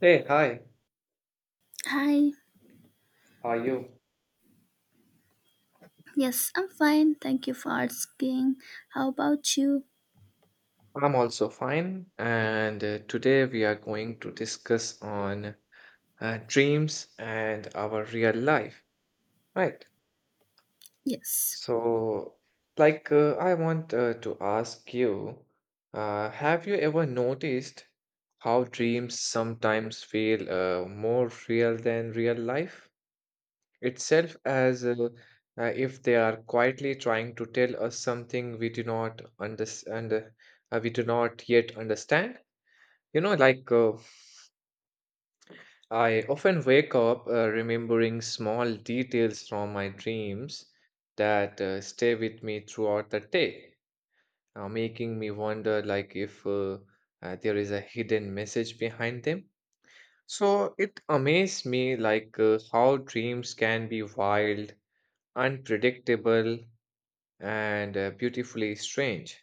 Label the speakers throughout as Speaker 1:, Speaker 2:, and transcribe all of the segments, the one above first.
Speaker 1: Hey, hi,
Speaker 2: Hi.
Speaker 1: how are you?
Speaker 2: Yes, I'm fine. Thank you for asking. How about you?
Speaker 1: I'm also fine, and today we are going to discuss on dreams and our real life, right?
Speaker 2: Yes.
Speaker 1: So, I want to ask you, have you ever noticed how dreams sometimes feel more real than real life itself? As If they are quietly trying to tell us something we do not yet understand. You know like uh, i often wake up remembering small details from my dreams that stay with me throughout the day, making me wonder if there is a hidden message behind them. So it amazed me how dreams can be wild, unpredictable, and beautifully strange,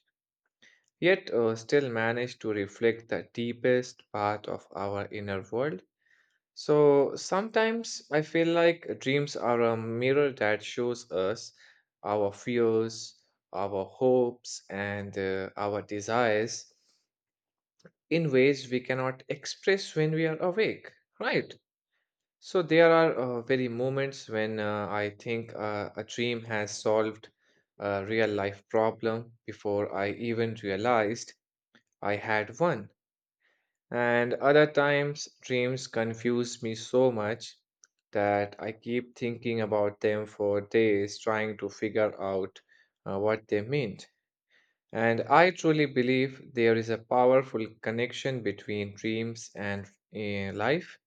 Speaker 1: yet still manage to reflect the deepest part of our inner world. So sometimes I feel like dreams are a mirror that shows us our fears, our hopes, and our desires in ways we cannot express when we are awake, right? So there are very moments when I think a dream has solved a real life problem before I even realized I had one. And other times, dreams confuse me so much that I keep thinking about them for days, trying to figure out what they meant. And I truly believe there is a powerful connection between dreams and life,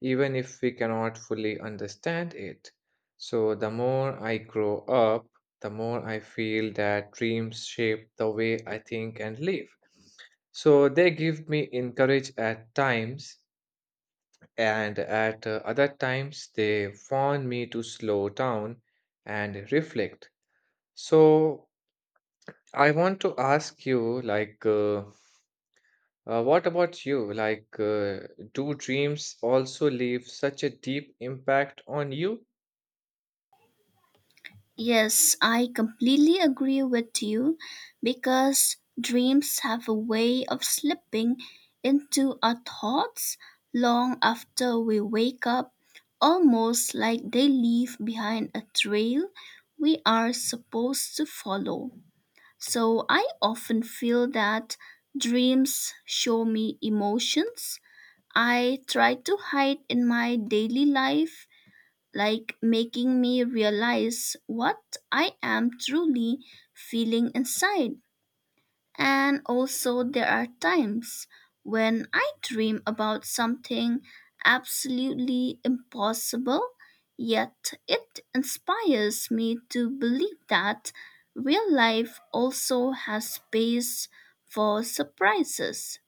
Speaker 1: even if we cannot fully understand it. So, the more I grow up, the more I feel that dreams shape the way I think and live. So, they give me encourage at times, and at other times, they warn me to slow down and reflect. So, I want to ask you, what about you? Do dreams also leave such a deep impact on you?
Speaker 2: Yes, I completely agree with you because dreams have a way of slipping into our thoughts long after we wake up, almost like they leave behind a trail we are supposed to follow. So I often feel that dreams show me emotions I try to hide in my daily life, like making me realize what I am truly feeling inside. And also, there are times when I dream about something absolutely impossible, yet it inspires me to believe that real life also has space for surprises.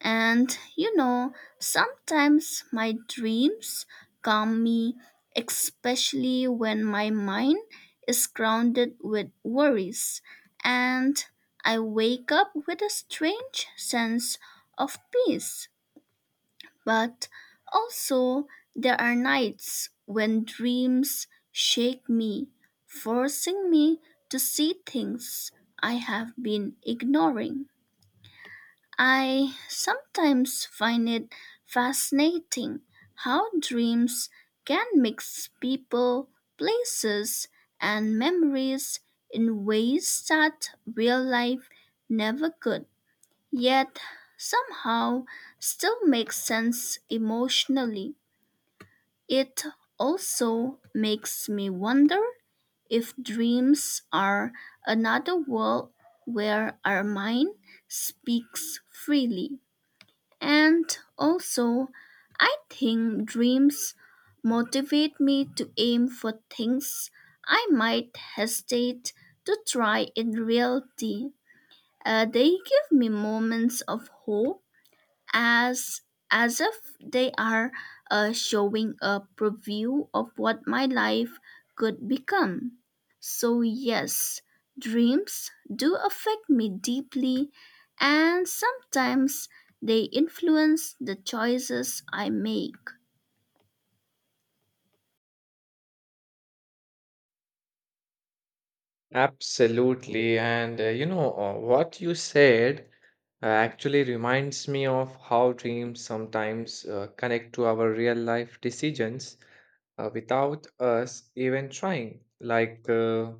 Speaker 2: And you know, sometimes my dreams calm me, especially when my mind is grounded with worries, and I wake up with a strange sense of peace. But also, there are nights when dreams shake me, forcing me to see things I have been ignoring. I sometimes find it fascinating how dreams can mix people, places, and memories in ways that real life never could, yet somehow still makes sense emotionally. It also makes me wonder if dreams are another world where our mind speaks freely, and also, I think dreams motivate me to aim for things I might hesitate to try in reality. They give me moments of hope as as if they are showing a preview of what my life could become. So yes, dreams do affect me deeply and sometimes they influence the choices I make.
Speaker 1: Absolutely. And you know, what you said actually reminds me of how dreams sometimes connect to our real life decisions without us even trying. Like, uh,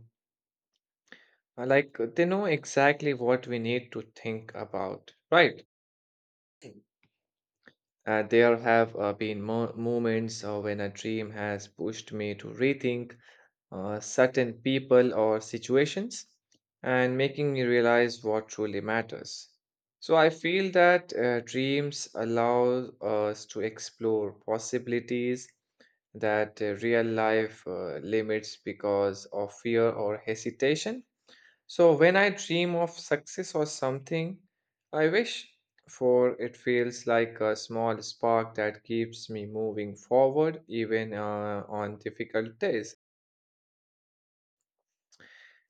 Speaker 1: like uh, they know exactly what we need to think about, right? There have been mo moments when a dream has pushed me to rethink certain people or situations and making me realize what truly matters. So I feel that dreams allow us to explore possibilities that real life limits because of fear or hesitation. So when I dream of success or something I wish for, it feels like a small spark that keeps me moving forward even on difficult days.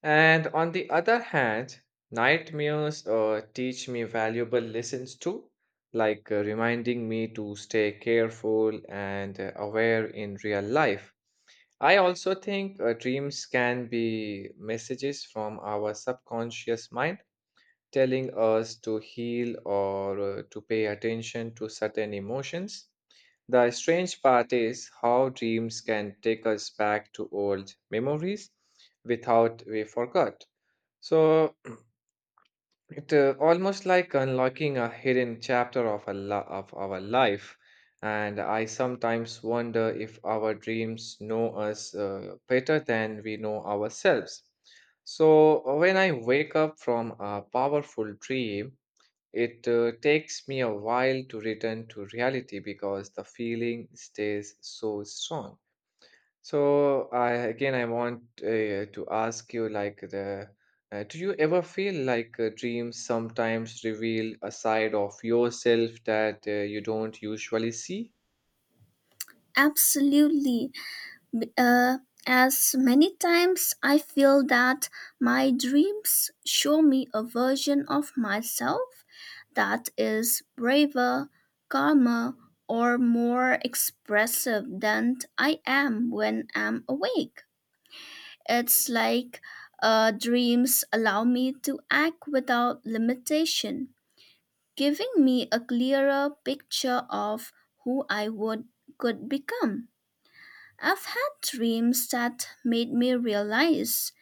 Speaker 1: And on the other hand, nightmares teach me valuable lessons too, reminding me to stay careful and aware in real life. I also think dreams can be messages from our subconscious mind telling us to heal or to pay attention to certain emotions. The strange part is how dreams can take us back to old memories without we forgot. So it almost like unlocking a hidden chapter of of our life. And I sometimes wonder if our dreams know us better than we know ourselves. So when I wake up from a powerful dream, it takes me a while to return to reality because the feeling stays so strong. So I again I want to ask you, like the do you ever feel like dreams sometimes reveal a side of yourself that you don't usually see?
Speaker 2: Absolutely. B- uh, as many times I feel that my dreams show me a version of myself that is braver, calmer, or more expressive than I am when I'm awake. It's like dreams allow me to act without limitation, giving me a clearer picture of who I would could become. I've had dreams that made me realize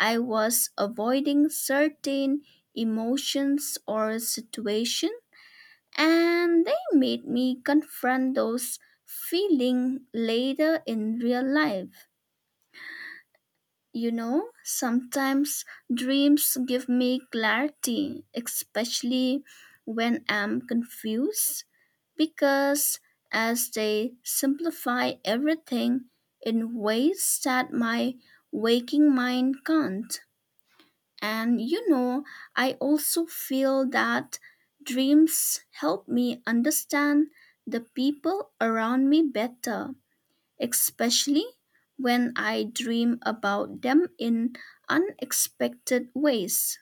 Speaker 2: I was avoiding certain emotions or situation and they made me confront those feelings later in real life. You know, sometimes dreams give me clarity, especially when I'm confused, because as they simplify everything in ways that my waking mind can't. And you know, I also feel that dreams help me understand the people around me better, especially when I dream about them in unexpected ways.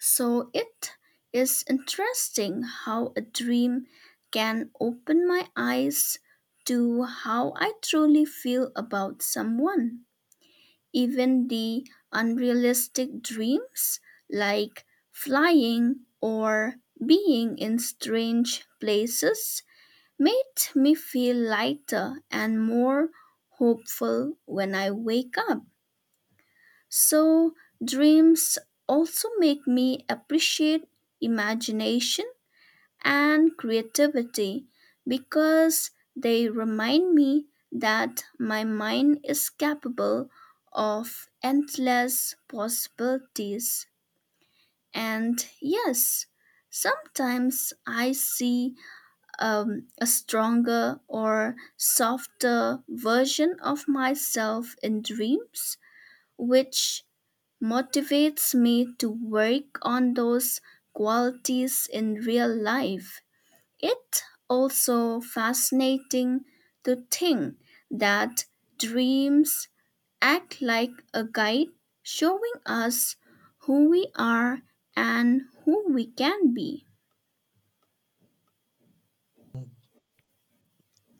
Speaker 2: So it is interesting how a dream can open my eyes to how I truly feel about someone. Even the unrealistic dreams, like flying or being in strange places, made me feel lighter and more hopeful when I wake up. So, dreams also make me appreciate imagination and creativity because they remind me that my mind is capable of endless possibilities. And yes, sometimes I see a stronger or softer version of myself in dreams, which motivates me to work on those qualities in real life. It also fascinating to think that dreams act like a guide showing us who we are and who we can be.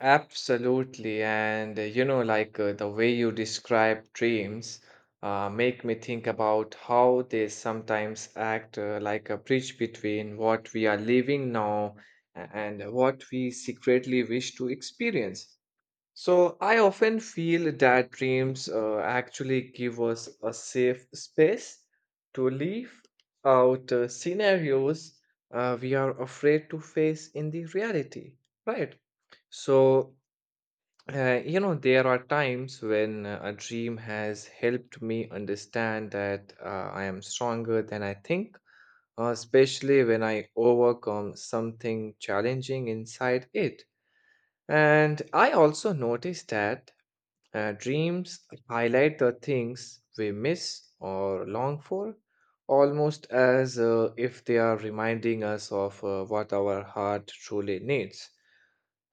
Speaker 1: Absolutely. And you know, the way you describe dreams make me think about how they sometimes act like a bridge between what we are living now and what we secretly wish to experience. So I often feel that dreams actually give us a safe space to leave out scenarios we are afraid to face in the reality, right? So you know, there are times when a dream has helped me understand that I am stronger than I think, especially when I overcome something challenging inside it. And I also noticed that dreams highlight the things we miss or long for, almost as if they are reminding us of what our heart truly needs.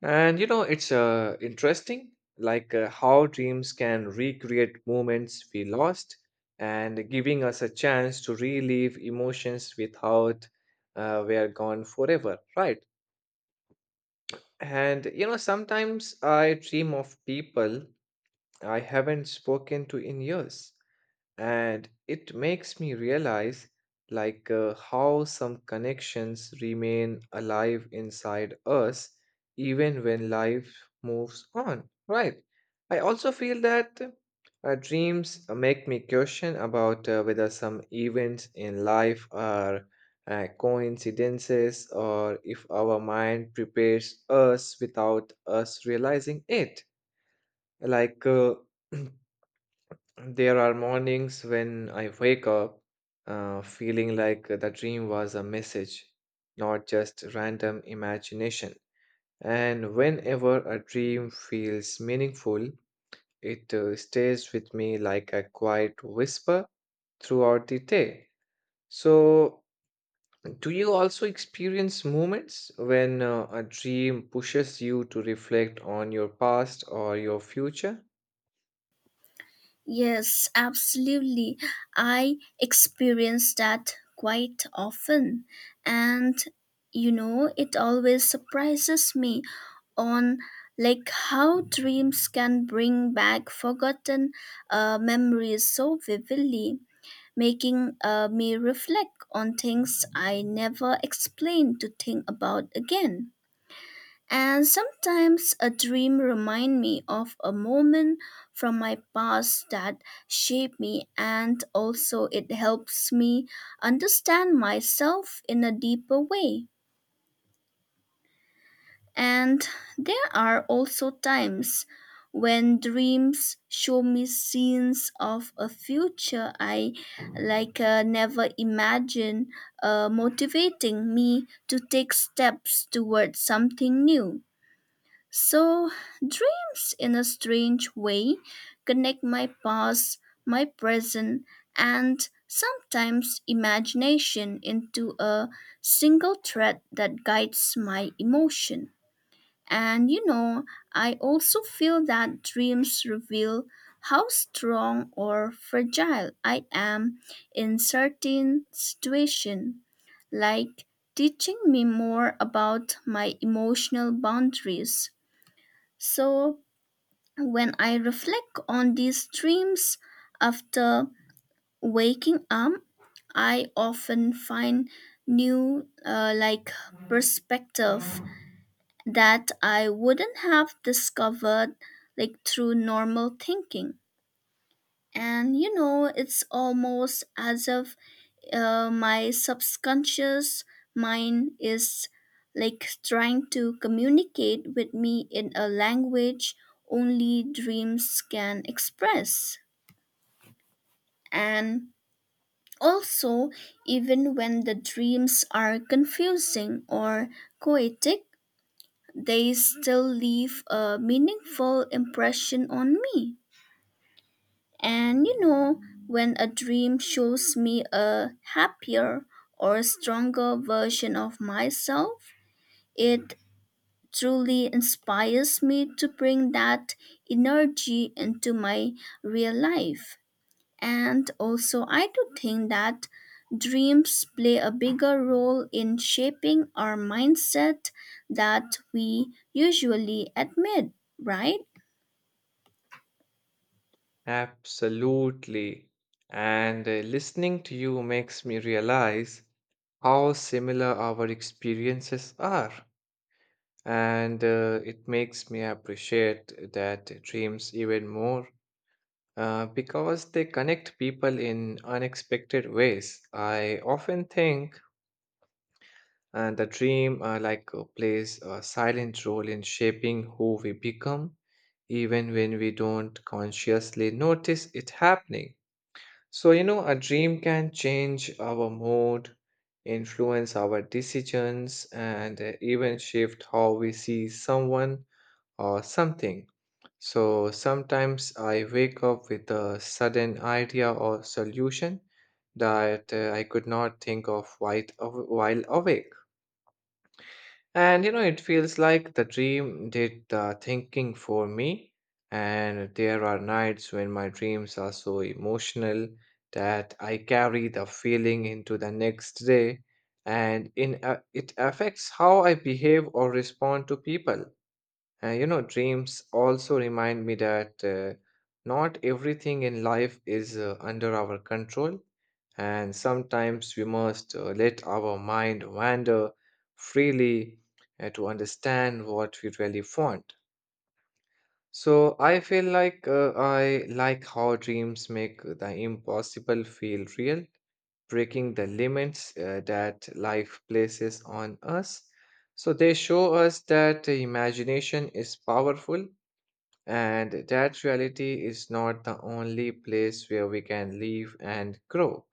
Speaker 1: And you know, it's interesting, how dreams can recreate moments we lost and giving us a chance to relive emotions without we are gone forever, right? And you know, sometimes I dream of people I haven't spoken to in years, and it makes me realize how some connections remain alive inside us even when life moves on, right? I also feel that dreams make me question about whether some events in life are coincidences or if our mind prepares us without us realizing it, like uh, there are mornings when I wake up feeling like the dream was a message, not just random imagination. And whenever a dream feels meaningful, it stays with me like a quiet whisper throughout the day. So, do you also experience moments when a dream pushes you to reflect on your past or your future?
Speaker 2: Yes, absolutely. I experience that quite often. And you know, it always surprises me on like how dreams can bring back forgotten memories so vividly, making me reflect on things I never explained to think about again. And sometimes a dream remind me of a moment from my past that shaped me and also it helps me understand myself in a deeper way. And there are also times when dreams show me scenes of a future I like never imagined, motivating me to take steps towards something new. So, dreams, in a strange way, connect my past, my present, and sometimes imagination into a single thread that guides my emotion. And you know, I also feel that dreams reveal how strong or fragile I am in certain situation, like teaching me more about my emotional boundaries so when I reflect on these dreams after waking up, I often find new like perspective that I wouldn't have discovered like through normal thinking. And you know, it's almost as if my subconscious mind is like trying to communicate with me in a language only dreams can express. And also, even when the dreams are confusing or poetic, they still leave a meaningful impression on me. And you know, when a dream shows me a happier or stronger version of myself, it truly inspires me to bring that energy into my real life. And also, I do think that dreams play a bigger role in shaping our mindset that we usually admit, right?
Speaker 1: Absolutely. And listening to you makes me realize how similar our experiences are, and it makes me appreciate that dreams even more because they connect people in unexpected ways. I often think the dream plays a silent role in shaping who we become, even when we don't consciously notice it happening. So, you know, a dream can change our mood, influence our decisions, and even shift how we see someone or something. So, sometimes I wake up with a sudden idea or solution that I could not think of while awake. And you know, it feels like the dream did the thinking for me. And there are nights when my dreams are so emotional that I carry the feeling into the next day, and in a, it affects how I behave or respond to people. You know, dreams also remind me that not everything in life is under our control, and sometimes we must let our mind wander freely to understand what we really want. So I feel I like how dreams make the impossible feel real, breaking the limits that life places on us. So they show us that imagination is powerful and that reality is not the only place where we can live and grow.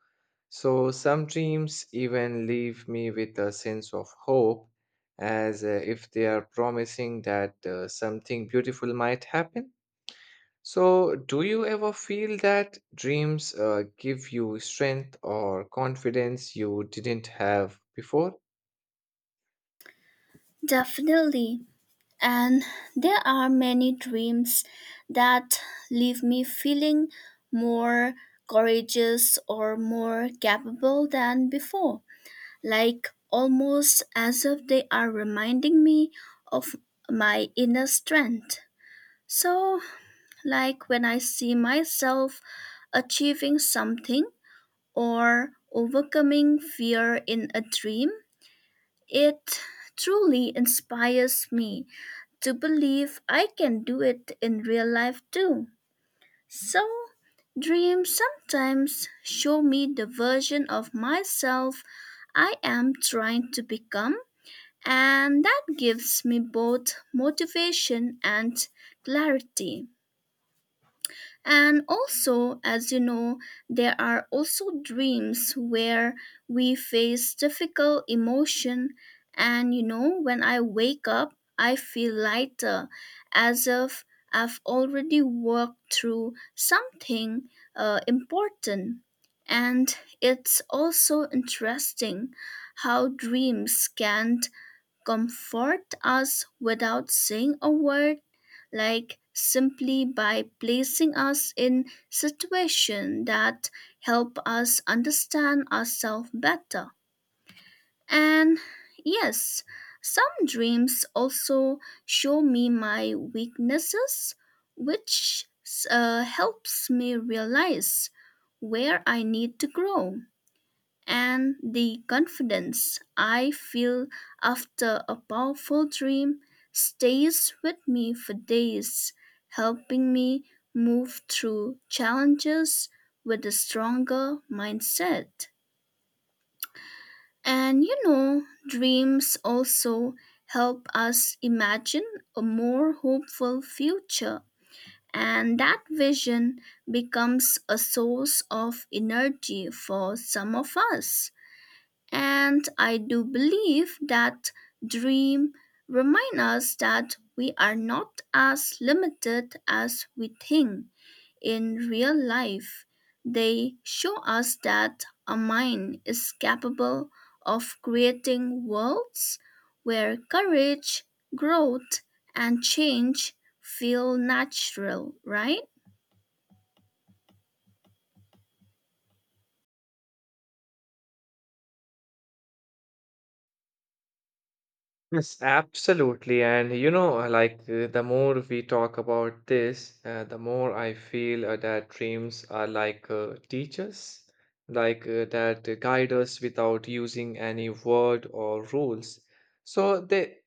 Speaker 1: So some dreams even leave me with a sense of hope, as if they are promising that something beautiful might happen. So, do you ever feel that dreams give you strength or confidence you didn't have before?
Speaker 2: Definitely. And there are many dreams that leave me feeling more courageous or more capable than before, like almost as if they are reminding me of my inner strength. So, like when I see myself achieving something or overcoming fear in a dream, it truly inspires me to believe I can do it in real life too. So, dreams sometimes show me the version of myself I am trying to become, and that gives me both motivation and clarity. And also, as you know, there are also dreams where we face difficult emotion. And you know, when I wake up, I feel lighter as if I've already worked through something important. And it's also interesting how dreams can comfort us without saying a word, like simply by placing us in situations that help us understand ourselves better. And yes, some dreams also show me my weaknesses, which helps me realize where I need to grow and the confidence I feel after a powerful dream stays with me for days, helping me move through challenges with a stronger mindset. And you know, dreams also help us imagine a more hopeful future. And that vision becomes a source of energy for some of us. And I do believe that dream remind us that we are not as limited as we think in real life. They show us that a mind is capable of creating worlds where courage, growth, and change feel natural, right?
Speaker 1: Yes, absolutely. And you know, the more we talk about this, the more I feel that dreams are like teachers, that guide us without using any word or rules. So they,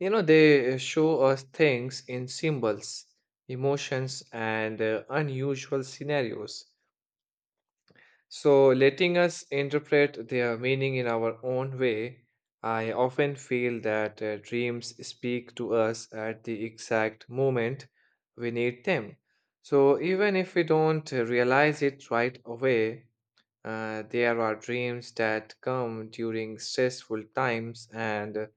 Speaker 1: you know, they show us things in symbols, emotions, and unusual scenarios. So, letting us interpret their meaning in our own way, I often feel that dreams speak to us at the exact moment we need them. So, even if we don't realize it right away, there are dreams that come during stressful times and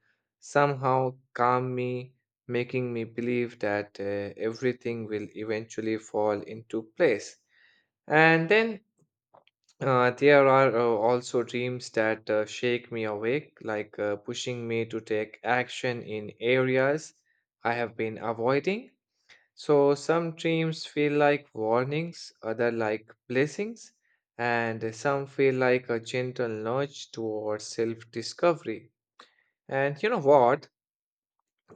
Speaker 1: somehow calm me, making me believe that everything will eventually fall into place. And then there are also dreams that shake me awake, pushing me to take action in areas I have been avoiding. So some dreams feel like warnings, other like blessings, and some feel like a gentle nudge towards self-discovery. And you know what?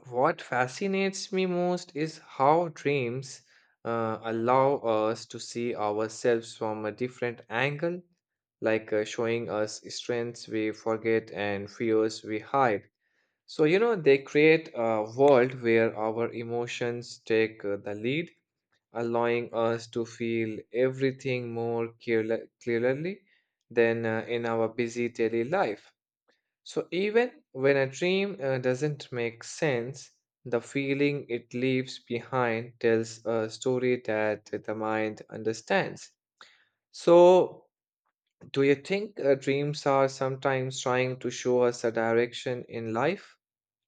Speaker 1: What fascinates me most is how dreams allow us to see ourselves from a different angle, showing us strengths we forget and fears we hide. So, you know, they create a world where our emotions take the lead, allowing us to feel everything more clearly than in our busy daily life. So even when a dream doesn't make sense, the feeling it leaves behind tells a story that the mind understands. So, do you think dreams are sometimes trying to show us a direction in life,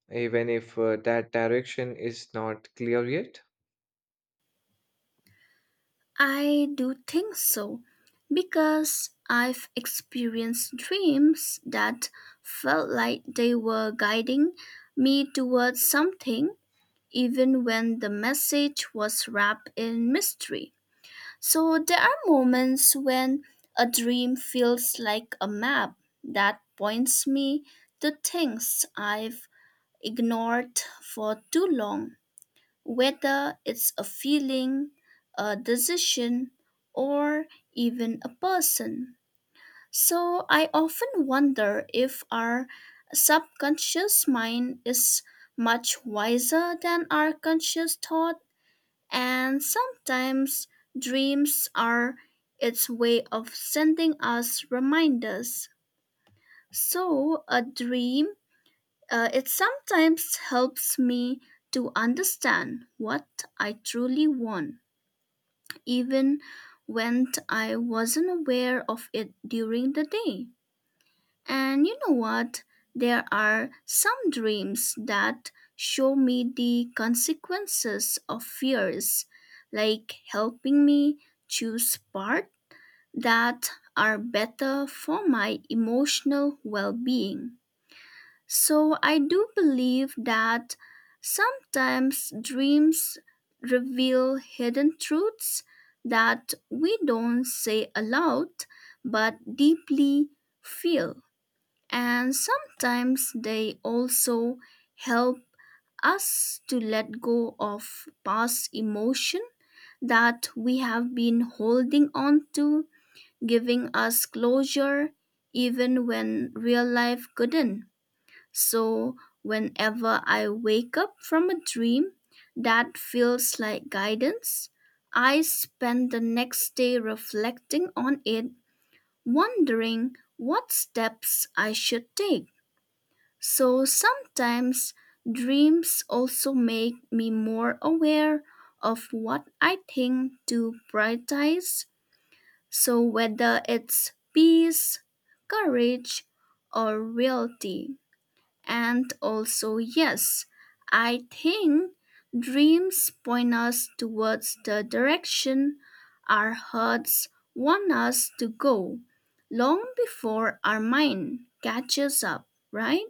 Speaker 1: even if that direction is not clear yet?
Speaker 2: I do think so because I've experienced dreams that felt like they were guiding me towards something, even when the message was wrapped in mystery. So there are moments when a dream feels like a map that points me to things I've ignored for too long, whether it's a feeling, a decision, or even a person. So I often wonder if our subconscious mind is much wiser than our conscious thought, and sometimes dreams are its way of sending us reminders. So a dream, it sometimes helps me to understand what I truly want, even when I wasn't aware of it during the day. And you know what? There are some dreams that show me the consequences of fears, like helping me choose paths that are better for my emotional well being. So I do believe that sometimes dreams reveal hidden truths that we don't say aloud but deeply feel. And sometimes they also help us to let go of past emotion that we have been holding on to, giving us closure even when real life couldn't. So, whenever I wake up from a dream that feels like guidance, I spend the next day reflecting on it, wondering what steps I should take. So, sometimes dreams also make me more aware of what I think to prioritize. So, whether it's peace, courage, or reality. And also, yes, I think dreams point us towards the direction our hearts want us to go long before our mind catches up, right?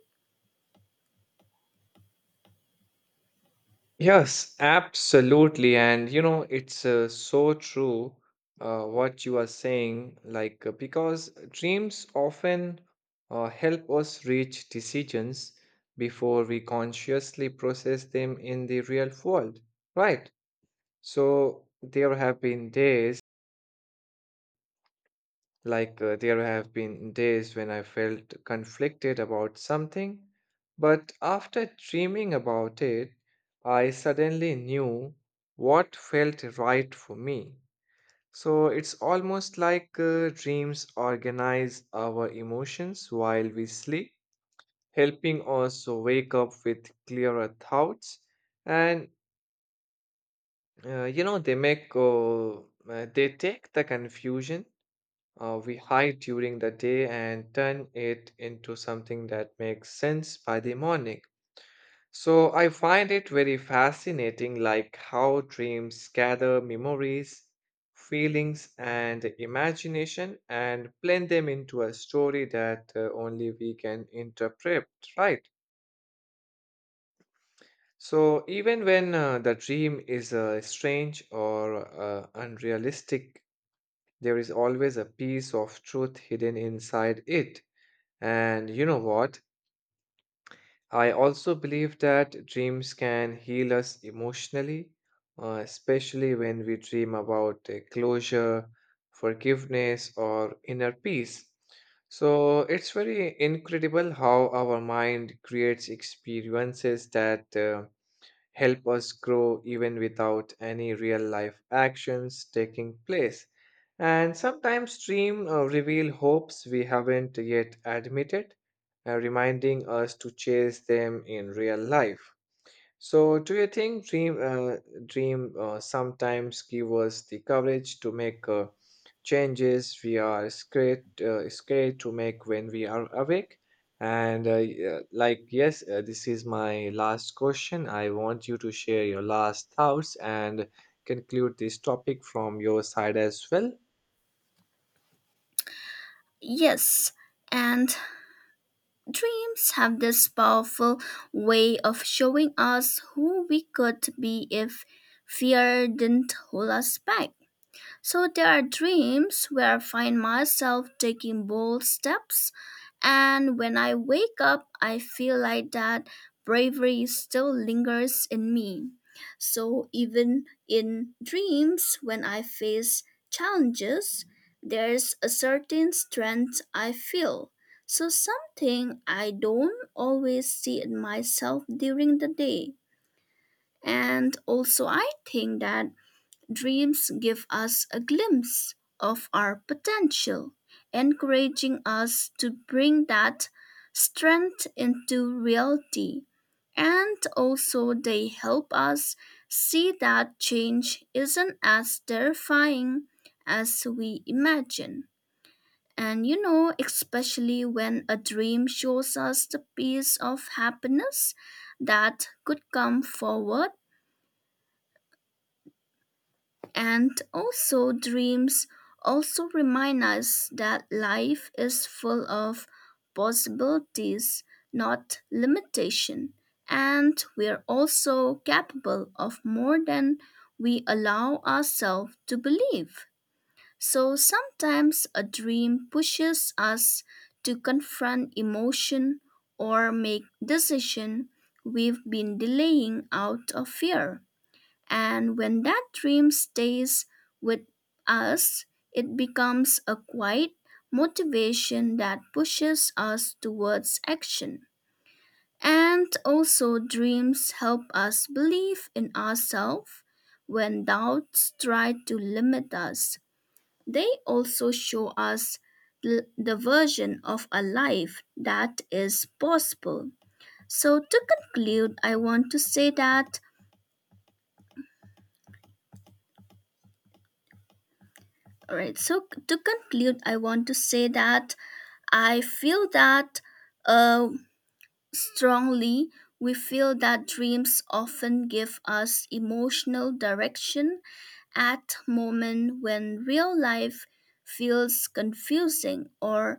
Speaker 1: Yes, absolutely. And you know, it's so true what you are saying, because dreams often help us reach decisions before we consciously process them in the real world, right? So there have been days when I felt conflicted about something, but after dreaming about it, I suddenly knew what felt right for me. So it's almost like dreams organize our emotions while we sleep, helping us to wake up with clearer thoughts. And you know, they take the confusion we hide during the day and turn it into something that makes sense by the morning. So I find it very fascinating, like how dreams gather memories, feelings, and imagination and blend them into a story that only we can interpret, right? So even when the dream is strange or unrealistic, there is always a piece of truth hidden inside it. And you know what? I also believe that dreams can heal us emotionally, especially when we dream about closure, forgiveness, or inner peace. So it's very incredible how our mind creates experiences that help us grow even without any real life actions taking place, and sometimes dream reveal hopes we haven't yet admitted, reminding us to chase them in real life. So, do you think dream dream sometimes give us the courage to make changes we are scared to make when we are awake? And this is my last question. I want you to share your last thoughts and conclude this topic from your side as well.
Speaker 2: Yes, and dreams have this powerful way of showing us who we could be if fear didn't hold us back. So there are dreams where I find myself taking bold steps, and when I wake up, I feel like that bravery still lingers in me. So even in dreams, when I face challenges, there's a certain strength I feel. So something I don't always see in myself during the day. And also, I think that dreams give us a glimpse of our potential, encouraging us to bring that strength into reality. And also, they help us see that change isn't as terrifying as we imagine. And you know, especially when a dream shows us the piece of happiness that could come forward. And also, dreams also remind us that life is full of possibilities, not limitation. And we are also capable of more than we allow ourselves to believe. So sometimes a dream pushes us to confront emotion or make decision we've been delaying out of fear. And when that dream stays with us, it becomes a quiet motivation that pushes us towards action. And also, dreams help us believe in ourselves when doubts try to limit us. They also show us the version of a life that is possible. So, to conclude, I want to say that All right. So to conclude, I want to say that I feel that uh, strongly we feel that dreams often give us emotional direction at moment when real life feels confusing or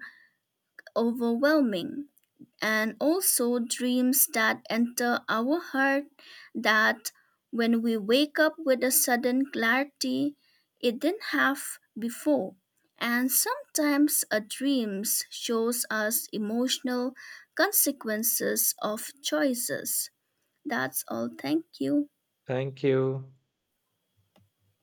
Speaker 2: overwhelming and also dreams that enter our heart that when we wake up with a sudden clarity it didn't have before and sometimes a dreams shows us emotional consequences of choices. That's all. Thank you.
Speaker 1: Thank you.